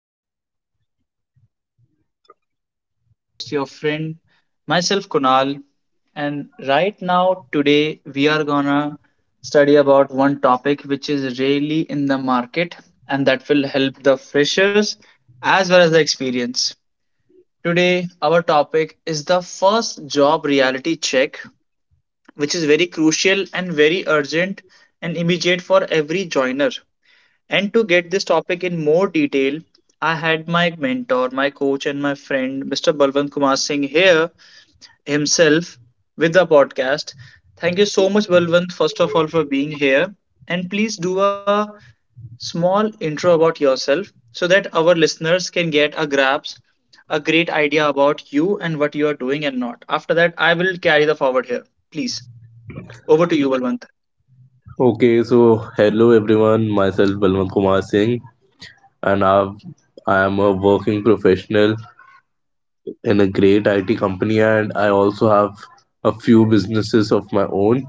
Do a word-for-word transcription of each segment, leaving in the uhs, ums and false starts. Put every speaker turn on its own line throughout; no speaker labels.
to the T P podcast. Here, your host and ghost, your friend, myself, Kunal. And right now, today, we are gonna study about one topic which is really in the market and that will help the freshers as well as the experience. Today, our topic is the first job reality check, which is very crucial and very urgent and immediate for every joiner. And to get this topic in more detail, I had my mentor, my coach, and my friend, Mister Balwant Kumar Singh, here himself with the podcast. Thank you so much, Balwant, first of all, for being here. And please do a small intro about yourself so that our listeners can get a grasp, a great idea about you and what you are doing and not. After that, I will carry the forward here. Please, over to you, Balwant.
Okay, so hello everyone. Myself Balwant Kumar Singh, and I've, I am a working professional in a great I T company, and I also have a few businesses of my own.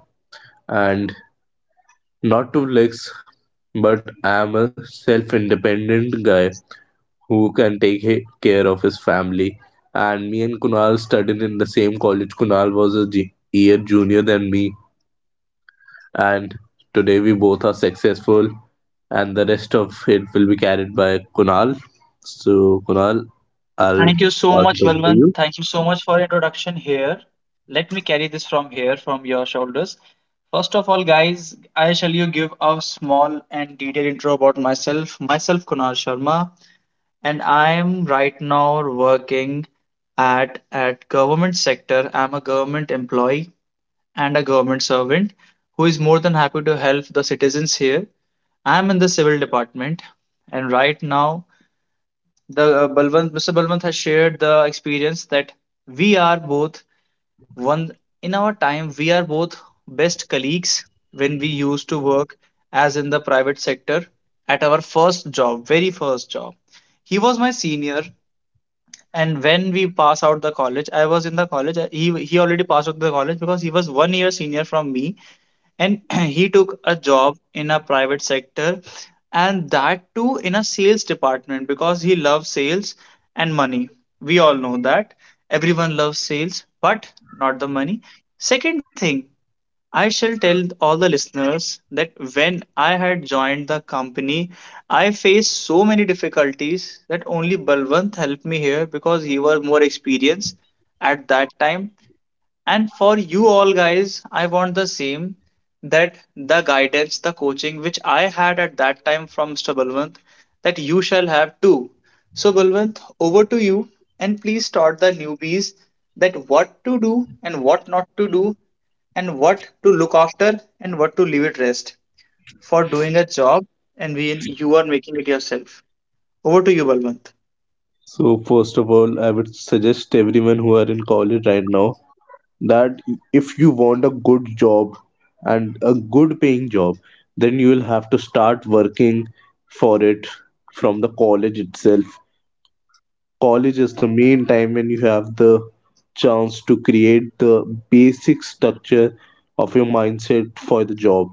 And not to flex, but I am a self-independent guy who can take he- care of his family. And me and Kunal studied in the same college. Kunal was a j- year junior than me, and today we both are successful and the rest of it will be carried by Kunal. So, Kunal, I'll
Thank you so
pass it
much,
over to
Balwant.
you.
Thank you so much for introduction here. Let me carry this from here, from your shoulders. First of all, guys, I shall you give a small and detailed intro about myself. Myself, Kunal Sharma, and I am right now working at at government sector. I'm a government employee and a government servant who is more than happy to help the citizens here. I'm in the civil department, and right now the uh, Balwant, Mister Balwant has shared the experience that we are both one in our time. We are both best colleagues when we used to work as in the private sector at our first job, very first job. He was my senior, and when we pass out the college, I was in the college. I- He he already passed out the college because he was one year senior from me, and he took a job in a private sector and that too in a sales department because he loves sales and money. We all know that everyone loves sales, but not the money. Second thing, I shall tell all the listeners that when I had joined the company, I faced so many difficulties that only Balwant helped me here because he was more experienced at that time. And for you all guys, I want the same, that the guidance, the coaching which I had at that time from Mister Balwant, that you shall have too. So, Balwant, over to you, and please start the newbies that what to do and what not to do, and what to look after and what to leave it rest for doing a job, and when you are making it yourself. Over to you, Balwant.
So, first of all, I would suggest everyone who are in college right now that if you want a good job and a good paying job, then you will have to start working for it from the college itself. College is the main time when you have the chance to create the basic structure of your mindset for the job.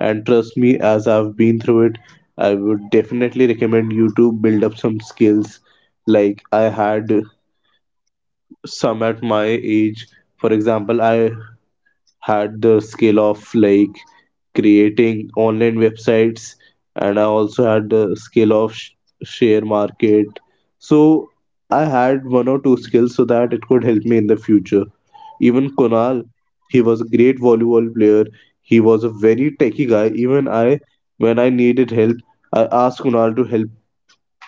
And trust me, as I've been through it, I would definitely recommend you to build up some skills. Like I had some at my age. For example, I had the skill of like creating online websites, and I also had the skill of sh- share market. So I had one or two skills so that it could help me in the future. Even Konal, he was a great volleyball player. He was a very techie guy. Even I, when I needed help, I asked Konal to help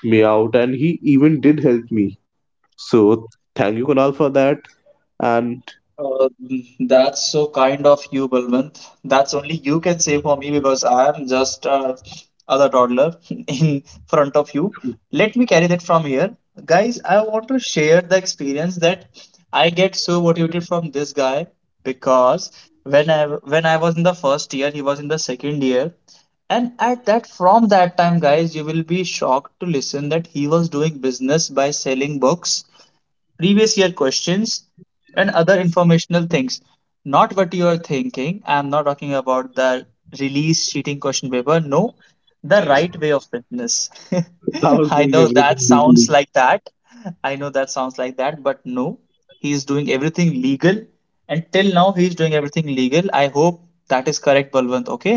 me out, and he even did help me. So thank you, Konal, for that. And
Uh, that's so kind of you, Balwant. That's only you can say for me because I am just uh, other toddler in front of you. Let me carry that from here. Guys, I want to share the experience that I get so motivated from this guy because when I when I was in the first year, he was in the second year. And at that, from that time, guys, you will be shocked to listen that he was doing business by selling books, previous year questions and other informational things. Not what you are thinking. I'm not talking about the release cheating question paper. No, the right way of fitness.
I was
I
doing
know that
everything
sounds
legally.
like that. I know that sounds like that, but no, he is doing everything legal. Until now he is doing everything legal, I hope. That is correct, Balwant? Okay,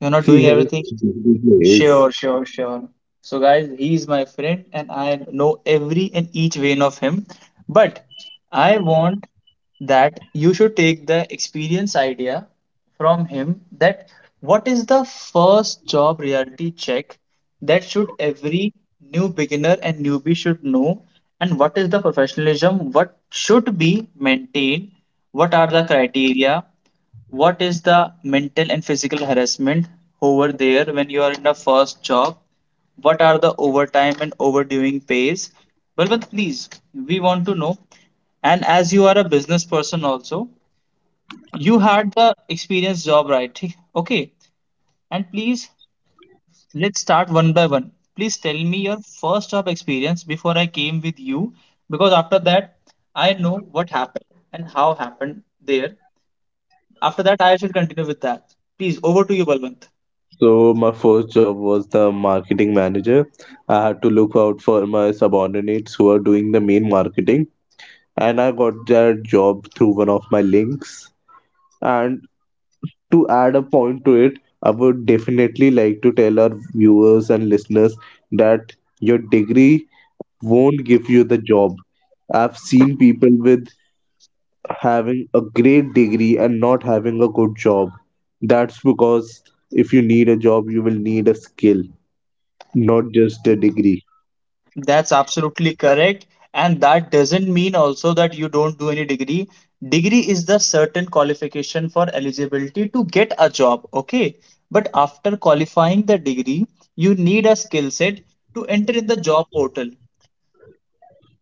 you're not doing
Yes,
everything.
yes.
Sure, sure, sure. So, guys, he's my friend and I know every and each vein of him. But I want that you should take the experience idea from him that what is the first job reality check that should every new beginner and newbie should know, and what is the professionalism, what should be maintained, what are the criteria, what is the mental and physical harassment over there when you are in the first job, what are the overtime and overdoing pays. Well, Balwant, please, we want to know. And as you are a business person also, you had the experience job, right? ठीक? Okay, and please, let's start one by one. Please tell me your first job experience before I came with you, because after that I know what happened and how happened there. After that, I should continue with that. Please, over to you, Balwant.
So my first job was the marketing manager. I had to look out for my subordinates who are doing the main marketing, and I got that job through one of my links. And to add a point to it, I would definitely like to tell our viewers and listeners that your degree won't give you the job. I've seen people with having a great degree and not having a good job. That's because if you need a job, you will need a skill, not just a degree.
That's absolutely correct. And that doesn't mean also that you don't do any degree. Degree is the certain qualification for eligibility to get a job, okay? But after qualifying the degree, you need a skill set to enter in the job portal.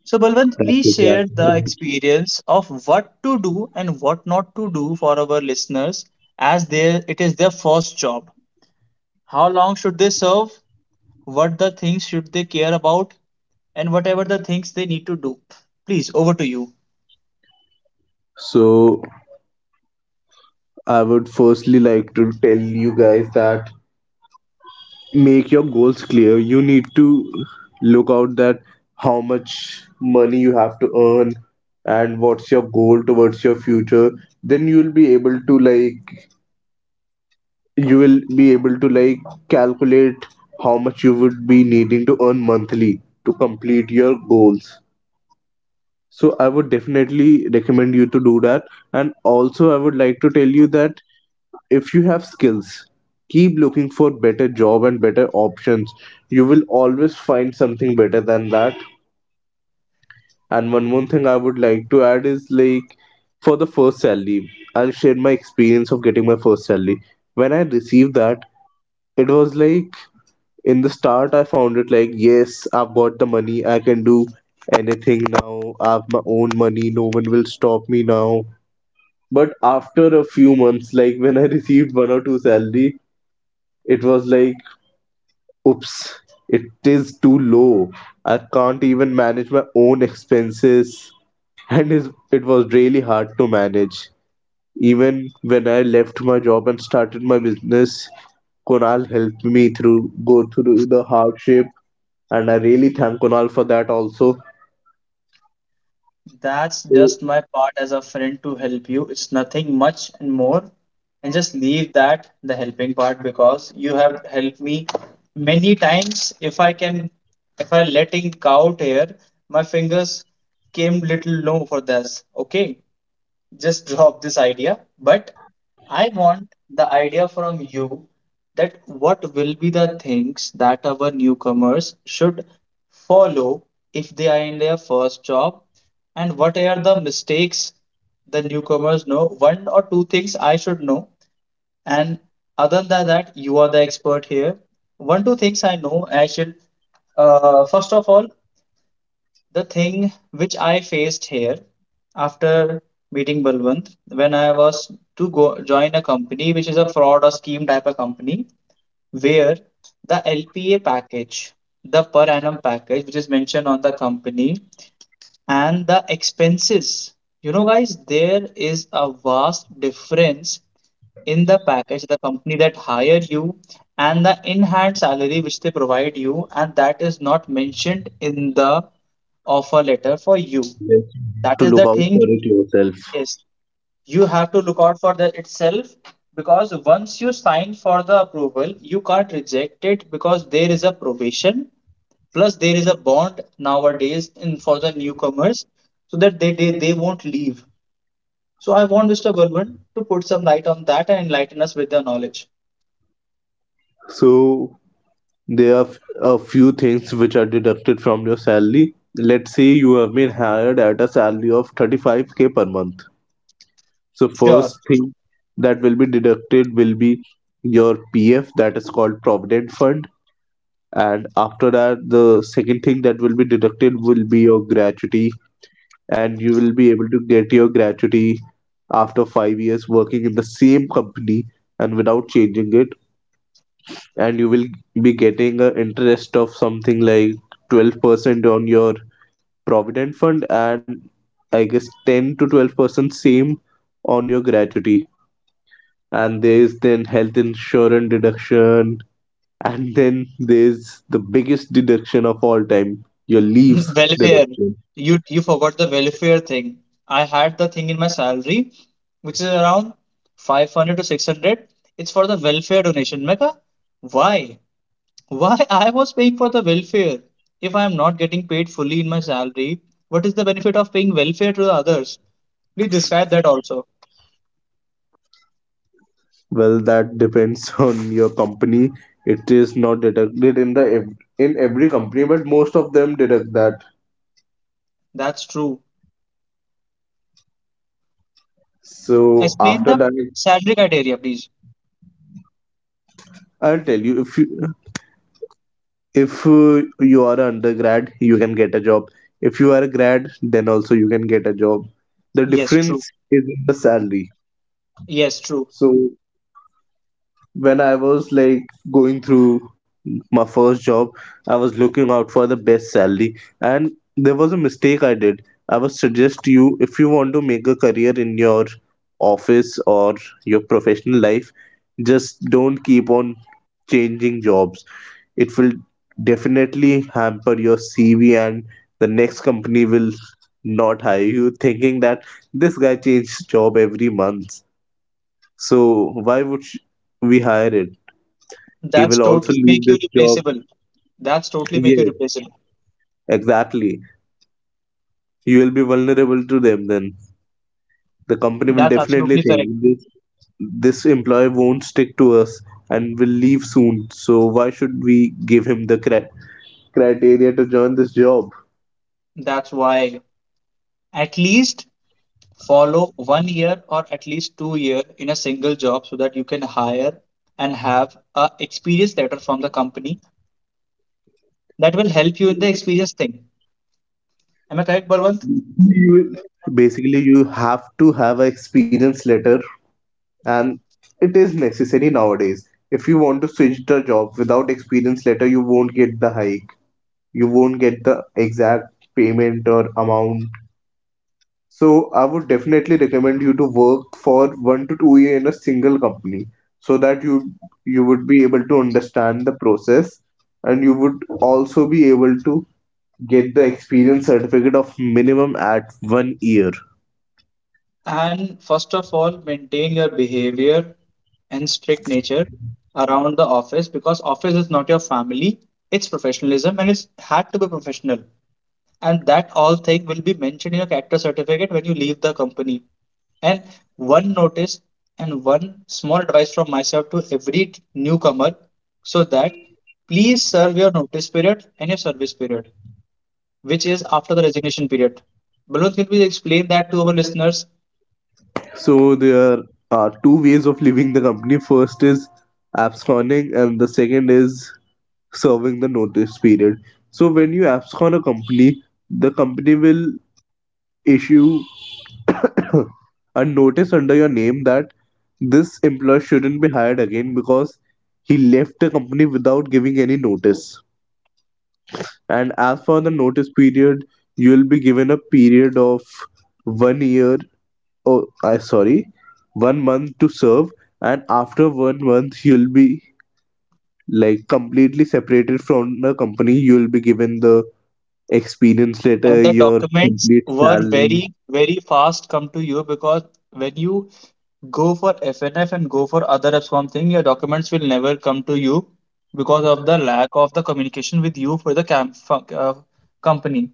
So, Balwant,
That's
please share the
exactly.
experience of what to do and what not to do for our listeners, as they, it is their first job. How long should they serve? What the things should they care about, and whatever the things they need to do. Please, over to you.
So, I would firstly like to tell you guys that make your goals clear, you need to look out that how much money you have to earn and what's your goal towards your future, then you'll be able to like you will be able to like calculate how much you would be needing to earn monthly to complete your goals. So I would definitely recommend you to do that. And also I would like to tell you that if you have skills, keep looking for better job and better options, you will always find something better than that. And one more thing I would like to add is like, for the first salary, I'll share my experience of getting my first salary. When I received that, it was like, in the start I found it like, yes, I've got the money, I can do anything now, I have my own money, no one will stop me now. But after a few months, like when I received one or two salary, it was like, oops, it is too low. I can't even manage my own expenses. And is- it was really hard to manage. Even when I left my job and started my business, Konal helped me through go through the hardship, and I really thank Konal for that also.
That's
So
just my part as a friend to help you. It's nothing much and more. And just leave that the helping part because you have helped me many times. If I can, if I letting out here, my fingers came little low for this. Okay, just drop this idea, but I want the idea from you that what will be the things that our newcomers should follow if they are in their first job, and what are the mistakes the newcomers know. One or two things I should know, and other than that, you are the expert here. One, two things I know I should uh, first of all, the thing which I faced here after meeting Balwant when I was to go join a company which is a fraud or scheme type of company where the L P A package, the per annum package which is mentioned on the company and the expenses. You know guys, there is a vast difference in the package the company that hired you and the in-hand salary which they provide you, and that is not mentioned in the offer letter for you.
yes,
That
to
is
look
the
out
thing
for it yourself.
is, you have to look out for that itself, because once you sign for the approval you can't reject it because there is a probation, plus there is a bond nowadays in for the newcomers so that they they, they won't leave. So I want Mr. Gurman to put some light on that and enlighten us with their knowledge.
So there are f- a few things which are deducted from your salary. Let's say you have been hired at a salary of thirty five k per month. So
Sure.
first thing that will be deducted will be your P F, that is called Provident Fund, and after that the second thing that will be deducted will be your gratuity, and you will be able to get your gratuity after five years working in the same company and without changing it, and you will be getting an interest of something like twelve percent on your Provident Fund, and I guess ten to twelve percent same on your gratuity. And there's then health insurance deduction, and then there's the biggest deduction of all time, your leaves
Welfare.
deduction.
You you forgot the welfare thing. I had the thing in my salary, which is around five hundred to six hundred. It's for the welfare donation. Mecca, why? Why I was paying for the welfare? If I am not getting paid fully in my salary, what is the benefit of paying welfare to the others? Please describe that also.
Well, that depends on your company. It is not deducted in the ev- in every company, but most of them deduct that.
That's true.
So
Explain
after
the
that,
salary criteria, please.
I'll tell you, if you if uh, you are an undergrad, you can get a job. If you are a grad, then also you can get a job. The
Yes, true.
difference is in the salary.
Yes, true.
So when I was like going through my first job, I was looking out for the best salary, and there was a mistake I did. I would suggest to you, if you want to make a career in your office or your professional life, just don't keep on changing jobs. It will definitely hamper your C V, and the next company will not hire you, thinking that this guy changed job every month. So why would sh- we hire him? He
That's
will also
totally
leave
make you
this job.
replaceable. That's totally make you
Yes,
replaceable.
exactly. You will be vulnerable to them then. The company will
That's
definitely
absolutely correct.
think, this this employee won't stick to us and will leave soon. So why should we give him the cri- criteria to join this job?
That's why at least follow one year or at least two year in a single job so that you can hire and have a experience letter from the company, that will help you in the experience thing. Am I correct, Balwant?
You basically you have to have a experience letter, and it is necessary nowadays. If you want to switch the job without experience letter, you won't get the hike. You won't get the exact payment or amount. So I would definitely recommend you to work for one to two year in a single company, so that you you would be able to understand the process, and you would also be able to get the experience certificate of minimum at one year.
And first of all, maintain your behavior and strict nature around the office, because office is not your family, it's professionalism and it's had to be professional. And that all thing will be mentioned in your character certificate when you leave the company. And one notice and one small advice from myself to every newcomer so that please serve your notice period and your service period which is after the resignation period. Balloon, can we explain that to our listeners?
So there are two ways of leaving the company. First is absconding and the second is serving the notice period. So when you abscond a company, the company will issue a notice under your name that this employee shouldn't be hired again because he left the company without giving any notice. And as for the notice period, you'll be given a period of one year. Oh, I sorry, one month to serve, and after one month you'll be like completely separated from the company. You'll be given the experience
And
letter,
the
your
documents
complete
were
salary.
very very fast come to you, because when you go for F N F and go for other apps. One thing, your documents will never come to you because of the lack of the communication with you for the camp, uh, company.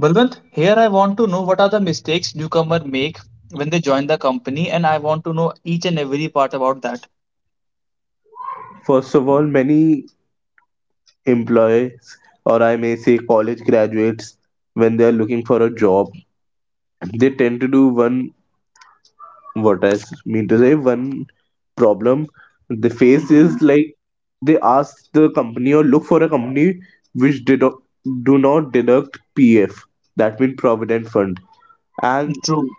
Balwant, here I want to know what are the mistakes newcomer make when they join the company, and I want to know each and every part about that.
First of all, many employees, or I may say college graduates, when they are looking for a job, they tend to do one, what I s- mean to say, one problem they face is
Mhm.
like, they ask the company or look for a company which did do not deduct PF, that means Provident Fund. And
True.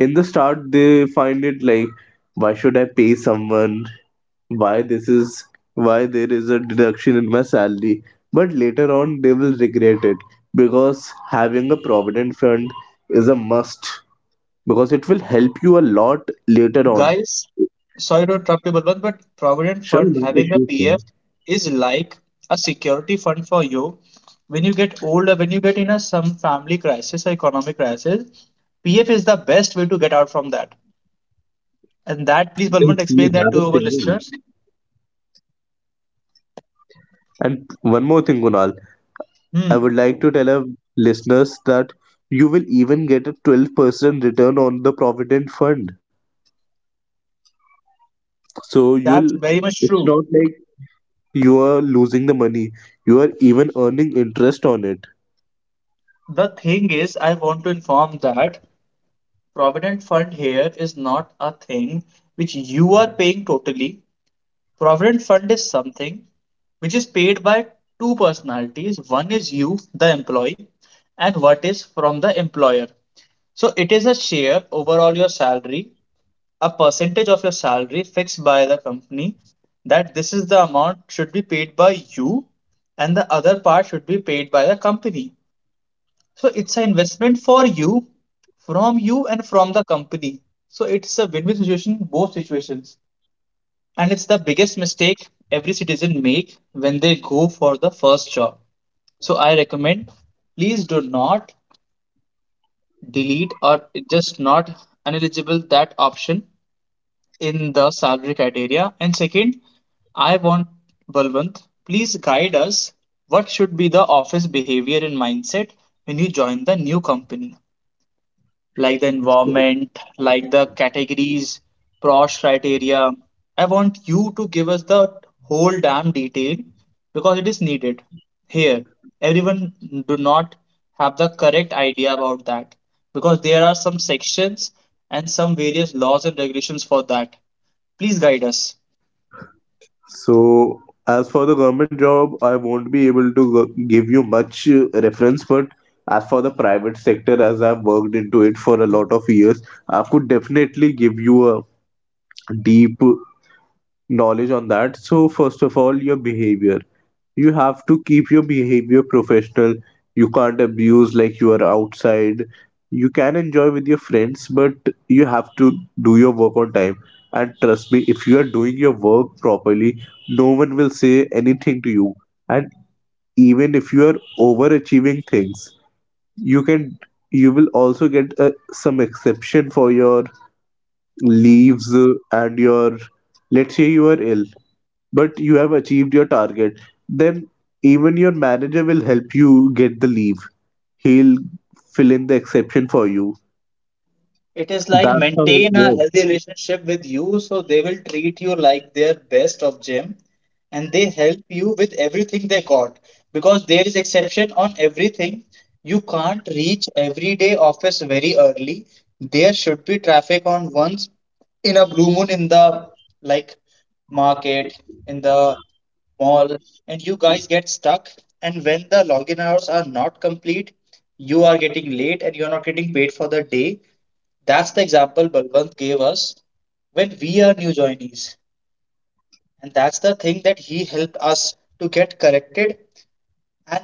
in the start they find it like, why should I pay someone, why this is, why there is a deduction in my salary. But later on they will regret it, because having a provident fund is a must, because it will help you a lot later on.
Guys, sorry to interrupt you, Balwant, but Provident
Sure,
Fund,
not
having a
issue, sir.
P F, is like a security fund for you. When you get older, when you get in a some family crisis or economic crisis, P F is the best way to get out from that. And that, please, Balwant,
Then
explain
you
that
have a
to our listeners.
saving. And one more thing, Kunal, I
Hmm,
would like to tell our listeners that you will even get a twelve percent return on the provident fund. So
that's
you'll
very much
it's
true.
not like you are losing the money. You are even earning interest on it.
The thing is, I want to inform that Provident Fund here is not a thing which you are paying totally. Provident fund is something which is paid by two personalities. One is you, the employee, and what is from the employer. So it is a share overall your salary, a percentage of your salary fixed by the company that this is the amount should be paid by you and the other part should be paid by the company. So it's an investment for you, from you and from the company. So it's a win-win situation, both situations, and it's the biggest mistake every citizen make when they go for the first job. So I recommend, please do not delete or just not uneligible that option in the salary criteria. And second, I want Balwant, please guide us what should be the office behavior and mindset when you join the new company, like the environment, like the categories, cross criteria. I want you to give us the whole damn detail because it is needed. Here, everyone do not have the correct idea about that because there are some sections and some various laws and regulations for that. Please guide us.
So as for the government job, I won't be able to go- give you much uh, reference, but as for the private sector, as I've worked into it for a lot of years, I could definitely give you a deep knowledge on that. So, first of all, your behavior. You have to keep your behavior professional. You can't abuse like you are outside. You can enjoy with your friends, but you have to do your work on time. And trust me, if you are doing your work properly, no one will say anything to you. And even if you are overachieving things, you can you will also get uh, some exception for your leaves, uh, and your let's say you are ill but you have achieved your target, then even your manager will help you get the leave. He'll fill in the exception for you.
It is like
That's how it
maintain a
works.
healthy relationship with you, so they will treat you like their best of gym and they help you with everything they got, because there is exception on everything. You can't reach everyday office very early. There should be traffic on once in a blue moon in the like market in the mall, and you guys get stuck, and when the login hours are not complete, you are getting late and you are not getting paid for the day. That's the example Balwant gave us when we are new joinees. And that's the thing that he helped us to get corrected. And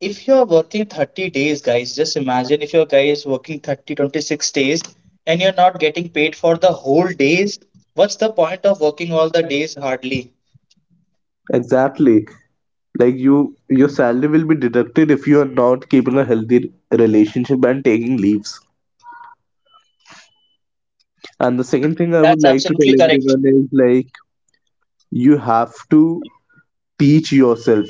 if you're working thirty days, guys, just imagine if your guy is working thirty twenty six days and you're not getting paid for the whole days, what's the point of working all the days hardly?
Exactly. Like you, your salary will be deducted if you are not keeping a healthy relationship and taking leaves. And the second thing I would
That's
like to tell
absolutely correct.
everyone is like, you have to teach yourself.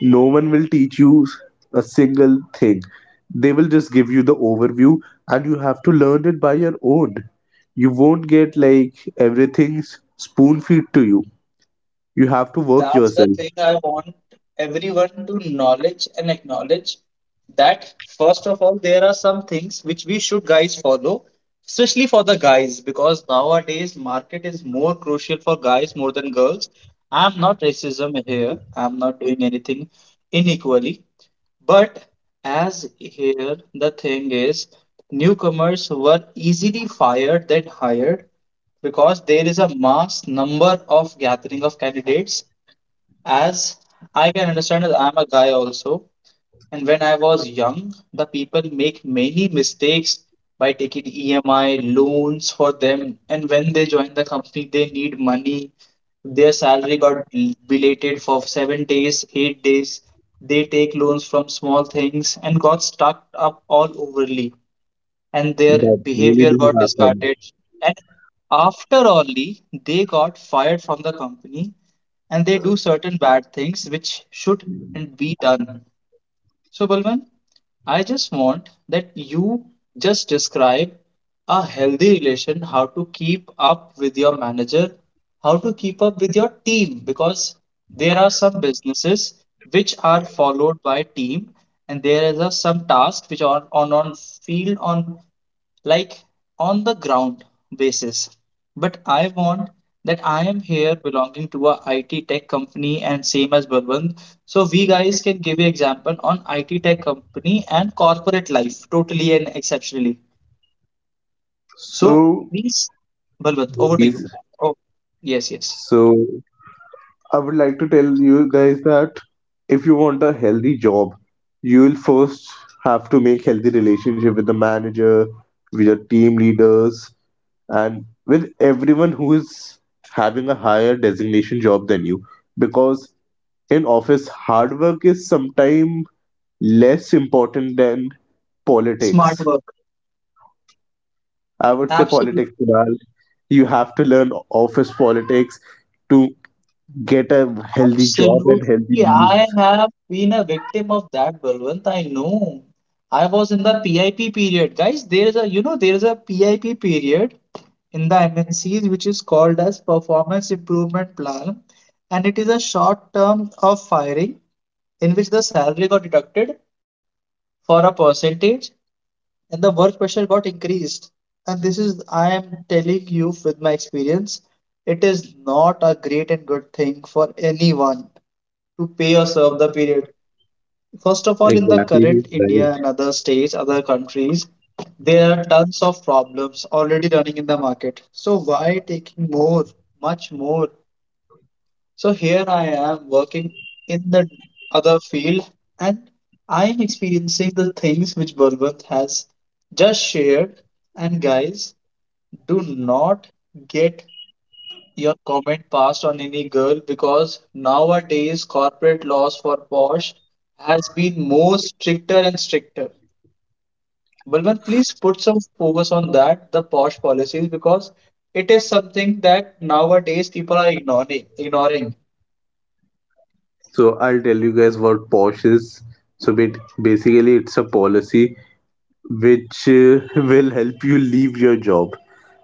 No one will teach you a single thing. They will just give you the overview and you have to learn it by your own. You won't get like everything spoon feed to you. You have to work
That's the
yourself.
thing I want everyone to knowledge and acknowledge that first of all, there are some things which we should guys follow, especially for the guys, because nowadays market is more crucial for guys more than girls. I'm not racism here. I'm not doing anything inequally. But as here the thing is, newcomers were easily fired than hired because there is a mass number of gathering of candidates. As I can understand it, I'm a guy also. And when I was young, the people make many mistakes by taking E M I loans for them. And when they join the company, they need money. Their salary got bel- belated for seven days, eight days. They take loans from small things and got stuck up all overly, and their
That really
behavior
do
got
happen.
discarded. And after only they got fired from the company and they do certain bad things which shouldn't be done. So, Balwant, I just want that you just describe a healthy relation, how to keep up with your manager, how to keep up with your team, because there are some businesses which are followed by team, and there is a, some tasks which are on on field on like on the ground basis. But I want that I am here belonging to a I T tech company and same as Balwant. So we guys can give you example on I T tech company and corporate life totally and exceptionally. So
So
please, Balwant, over to you.
is
Oh, yes, yes.
so. I would like to tell you guys that if you want a healthy job, you will first have to make healthy relationship with the manager, with your team leaders, and with everyone who is having a higher designation job than you. Because in office, hard work is sometimes less important than
Smart
politics.
work.
I would say
Absolutely.
politics, Kunal. You have to learn office politics to get a healthy job and healthy
Absolutely.
leave.
I have been a victim of that, Balwant. I know. I was in the P I P period. Guys, there is a, you know, there is a P I P period in the M N Cs which is called as Performance Improvement Plan. And it is a short term of firing in which the salary got deducted for a percentage and the work pressure got increased. And this is, I am telling you with my experience, it is not a great and good thing for anyone to pay or serve the period. First of all, in the
Exactly, he's
current
right.
India and other states, other countries, there are tons of problems already running in the market. So why taking more, much more? So here I am working in the other field and I am experiencing the things which Balwant has just shared. And guys, do not get your comment passed on any girl because nowadays corporate laws for Bosch has been more stricter and stricter. Balwant, please put some focus on that, the Bosch policies, because it is something that nowadays people are ignoring. Ignoring.
So I'll tell you guys what POSH is. So ba- basically, it's a policy which uh, will help you leave your job.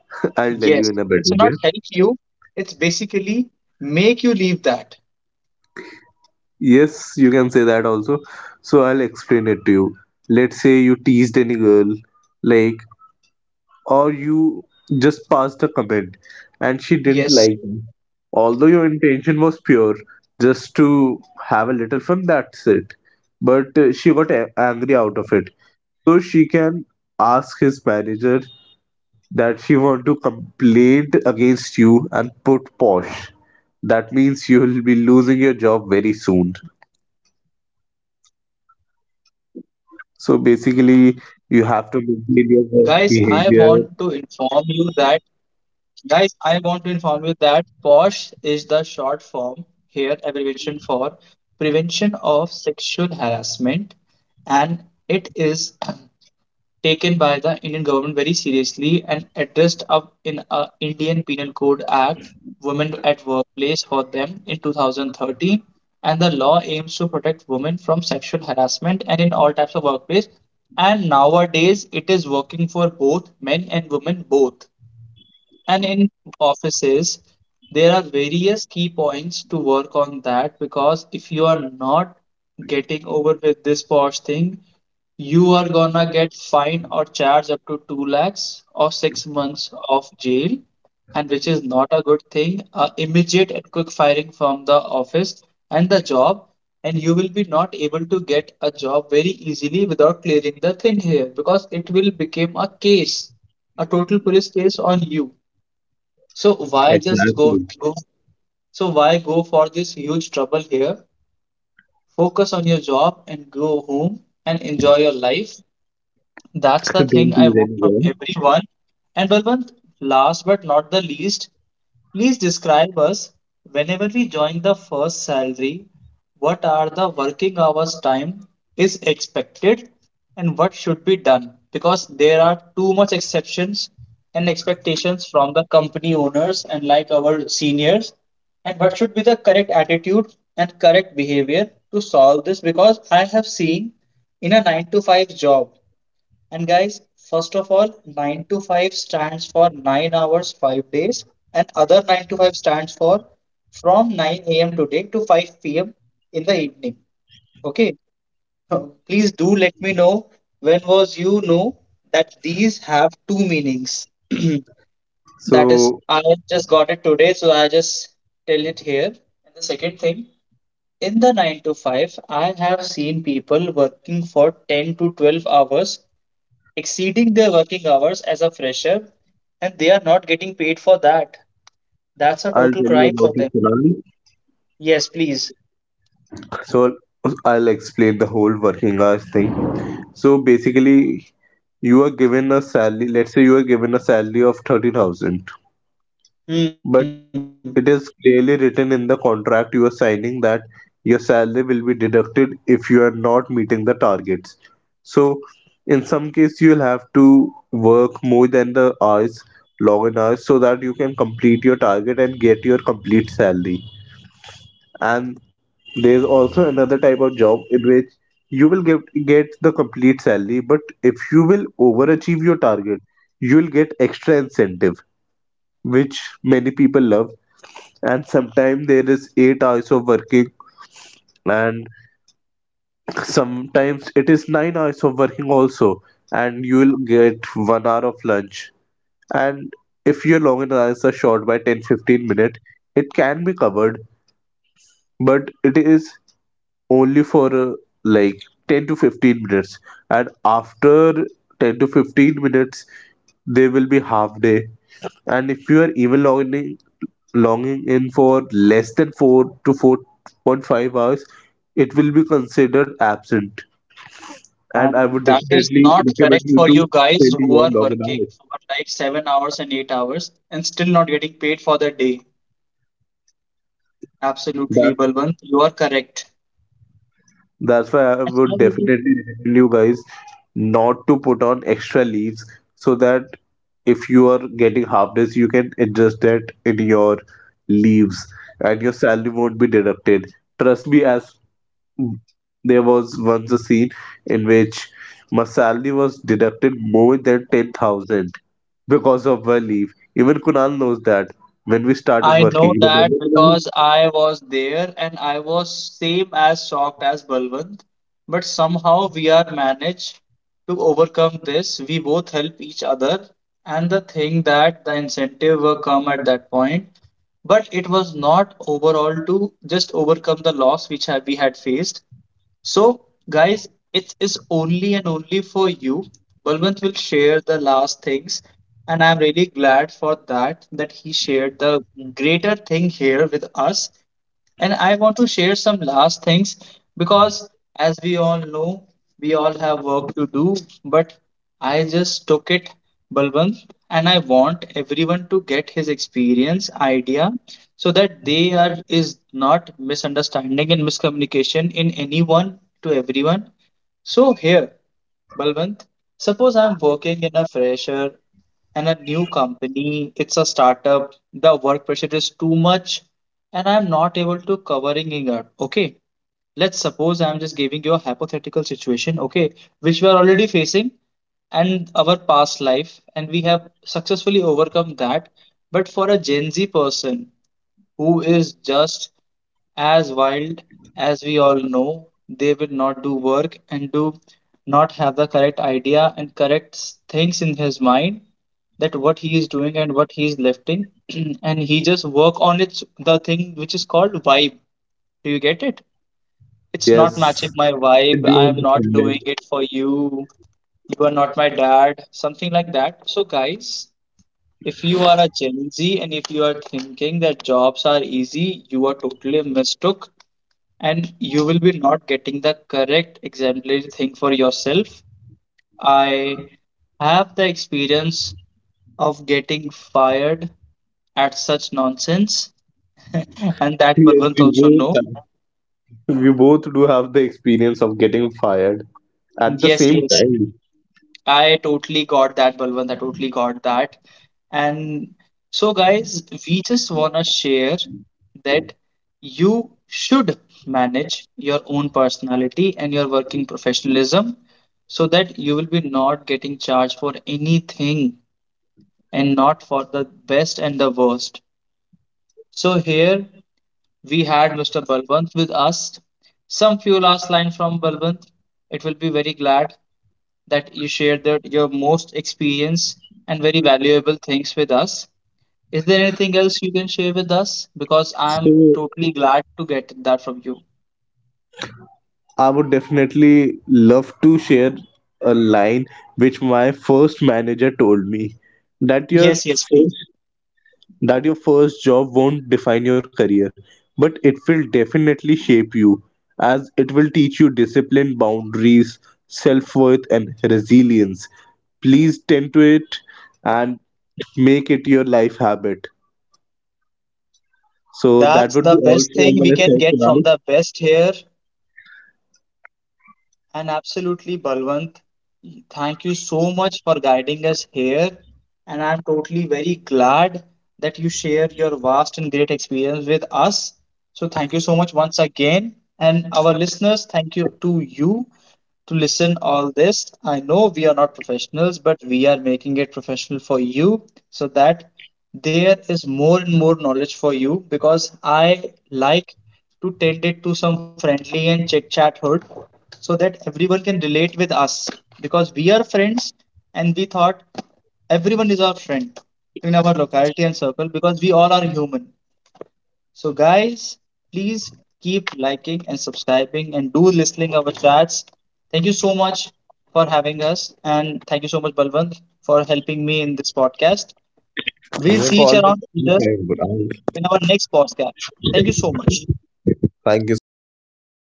I'll tell you
Yes,
in a
it's
better
not
way.
help you. It's basically make you leave that.
Yes, you can say that also. So I'll explain it to you. Let's say you teased any girl, like, or you just passed a comment and
Yes,
she didn't like you. Although your intention was pure, just to have a little fun, that's it. But uh, she got a- angry out of it. So she can ask his manager that she want to complain against you and put posh. That means you will be losing your job very soon. So basically,
guys, I
you have to
want to
maintain your
inform
work
you that
behavior.
Guys, I want to inform you that POSH is the short form here, abbreviation for Prevention of Sexual Harassment, and it is taken by the Indian government very seriously and addressed up in a Indian Penal Code Act, Women at Workplace for them in two thousand thirteen, and the law aims to protect women from sexual harassment and in all types of workplace. And nowadays, it is working for both men and women both. And in offices, there are various key points to work on that because if you are not getting over with this posh thing, you are gonna get fined or charged up to two lakhs or six months of jail, and which is not a good thing, uh, immediate and quick firing from the office and the job, and you will be not able to get a job very easily without clearing the thing here because it will become a case, a total police case on you. So why just go
Exactly.
go so why go for this huge trouble here? Focus on your job and go home and enjoy your life. That's the
Don't
thing I
tease
want from
anyone.
everyone. And Balwant, last but not the least, please describe us whenever we join the first salary, what are the working hours time is expected and what should be done? Because there are too much exceptions and expectations from the company owners and like our seniors. And what should be the correct attitude and correct behavior to solve this? Because I have seen in a nine to five job. And guys, first of all, nine to five stands for nine hours, five days, and other nine to five stands for from nine a m today to five p m in the evening. Okay, please do let me know when was you know that these have two meanings. That is,
So
I just got it today, so I just tell it here. And the second thing, in the nine to five, I have seen people working for ten to twelve hours exceeding their working hours as a fresher and they are not getting paid for that. That's a
I'll
total
tell you
crime
about
for
it,
them.
Sonali.
Yes, please.
So I'll explain the whole working hours thing. So basically, you are given a salary. Let's say you are given a salary of thirty thousand,
Hmm.
but it is clearly written in the contract you are signing that your salary will be deducted if you are not meeting the targets. So in some case, you'll have to work more than the hours, log in hours, so that you can complete your target and get your complete salary. And there's also another type of job in which you will get get the complete salary, but if you will overachieve your target, you'll get extra incentive, which many people love. And sometimes there is eight hours of working, and sometimes it is nine hours of working also, and you will get one hour of lunch. And if your long hours are short by ten fifteen minutes, it can be covered, but it is only for uh, like ten to fifteen minutes, and after ten to fifteen minutes there will be half day. And if you are even longing longing in for less than four to four point five hours, it will be considered absent. And
And
I would
that is
definitely
not
recommend
correct
you
for
to
you guys
spend
who
your
are
login
working for like seven hours and eight hours and still not getting paid for the day. Absolutely,
hours.
Balwant, you are correct.
That's why I would definitely recommend you guys not to put on extra leaves, so that if you are getting harvest, you can adjust that in your leaves and your salary won't be deducted. Trust me, as there was once a scene in which my salary was deducted more than ten thousand because of my leave. Even Kunal knows that when we started
I know
working.
that
Remember, Kunal?
because I was there and I was same as shocked as Balwant. But somehow we are managed to overcome this. We both help each other. And the thing that the incentive will come at that point. But it was not overall to just overcome the loss which have, we had faced. So, guys, it is only and only for you. Balwant will share the last things, and I'm really glad for that that he shared the greater thing here with us. And I want to share some last things because, as we all know, we all have work to do. But I just took it, Balwant, and I want everyone to get his experience, idea, so that they are is not misunderstanding and miscommunication in anyone to everyone. So here, Balwant, suppose I'm working in a fresher and a new company, it's a startup, the work pressure is too much and I'm not able to covering it up. Okay, let's suppose I'm just giving you a hypothetical situation. Okay, which we are already facing and our past life, and we have successfully overcome that. But for a Gen Z person who is just as wild, as we all know, they will not do work and do not have the correct idea and correct s- things in his mind, that what he is doing and what he is lifting and he just work on its the thing which is called vibe. Do you get it? It's
Yes.
not matching my
I
vibe,
do
I am not
understand
doing
it.
it for you, you are not my dad, something like that. So guys, if you are a Gen Z and if you are thinking that jobs are easy, you are totally mistook and you will be not getting the correct exemplary thing for yourself. I have the experience of getting fired at such nonsense, and that
Yes,
Balwant
we
also
both,
know.
we both do have the experience of getting fired at the
Yes,
same
yes.
time.
I totally got that, Balwant. I totally got that. And so, guys, we just want to share that you should manage your own personality and your working professionalism so that you will be not getting charged for anything and not for the best and the worst. So, here we had mister Balwant with us. Some few last line from Balwant. It will be very glad that you shared that your most experience and very valuable things with us. Is there anything else you can share with us? Because
So
I'm totally glad to get that from you.
I would definitely love to share a line which my first manager told me that your
Yes, yes, please.
first that your first job won't define your career, but it will definitely shape you as it will teach you discipline, boundaries, self-worth and resilience. Please tend to it and make it your life habit. So
That's
that
the
would be all
best thing
for
we
my
can
side,
get from
Kunal.
the best here. And absolutely, Balwant, thank you so much for guiding us here. And I'm totally very glad that you share your vast and great experience with us. So, thank you so much once again. And our listeners, thank you to you to listen all this. I know we are not professionals, but we are making it professional for you so that there is more and more knowledge for you, because I like to tend it to some friendly and chit chat hood so that everyone can relate with us, because we are friends and we thought everyone is our friend in our locality and circle because we all are human. So guys, please keep liking and subscribing and do listening our chats. Thank you so much for having us, and thank you so much Balwant for helping me in this podcast.
You
We'll
have
see each
always.
around in our next podcast. Thank you so much.
Thank you so much, guys.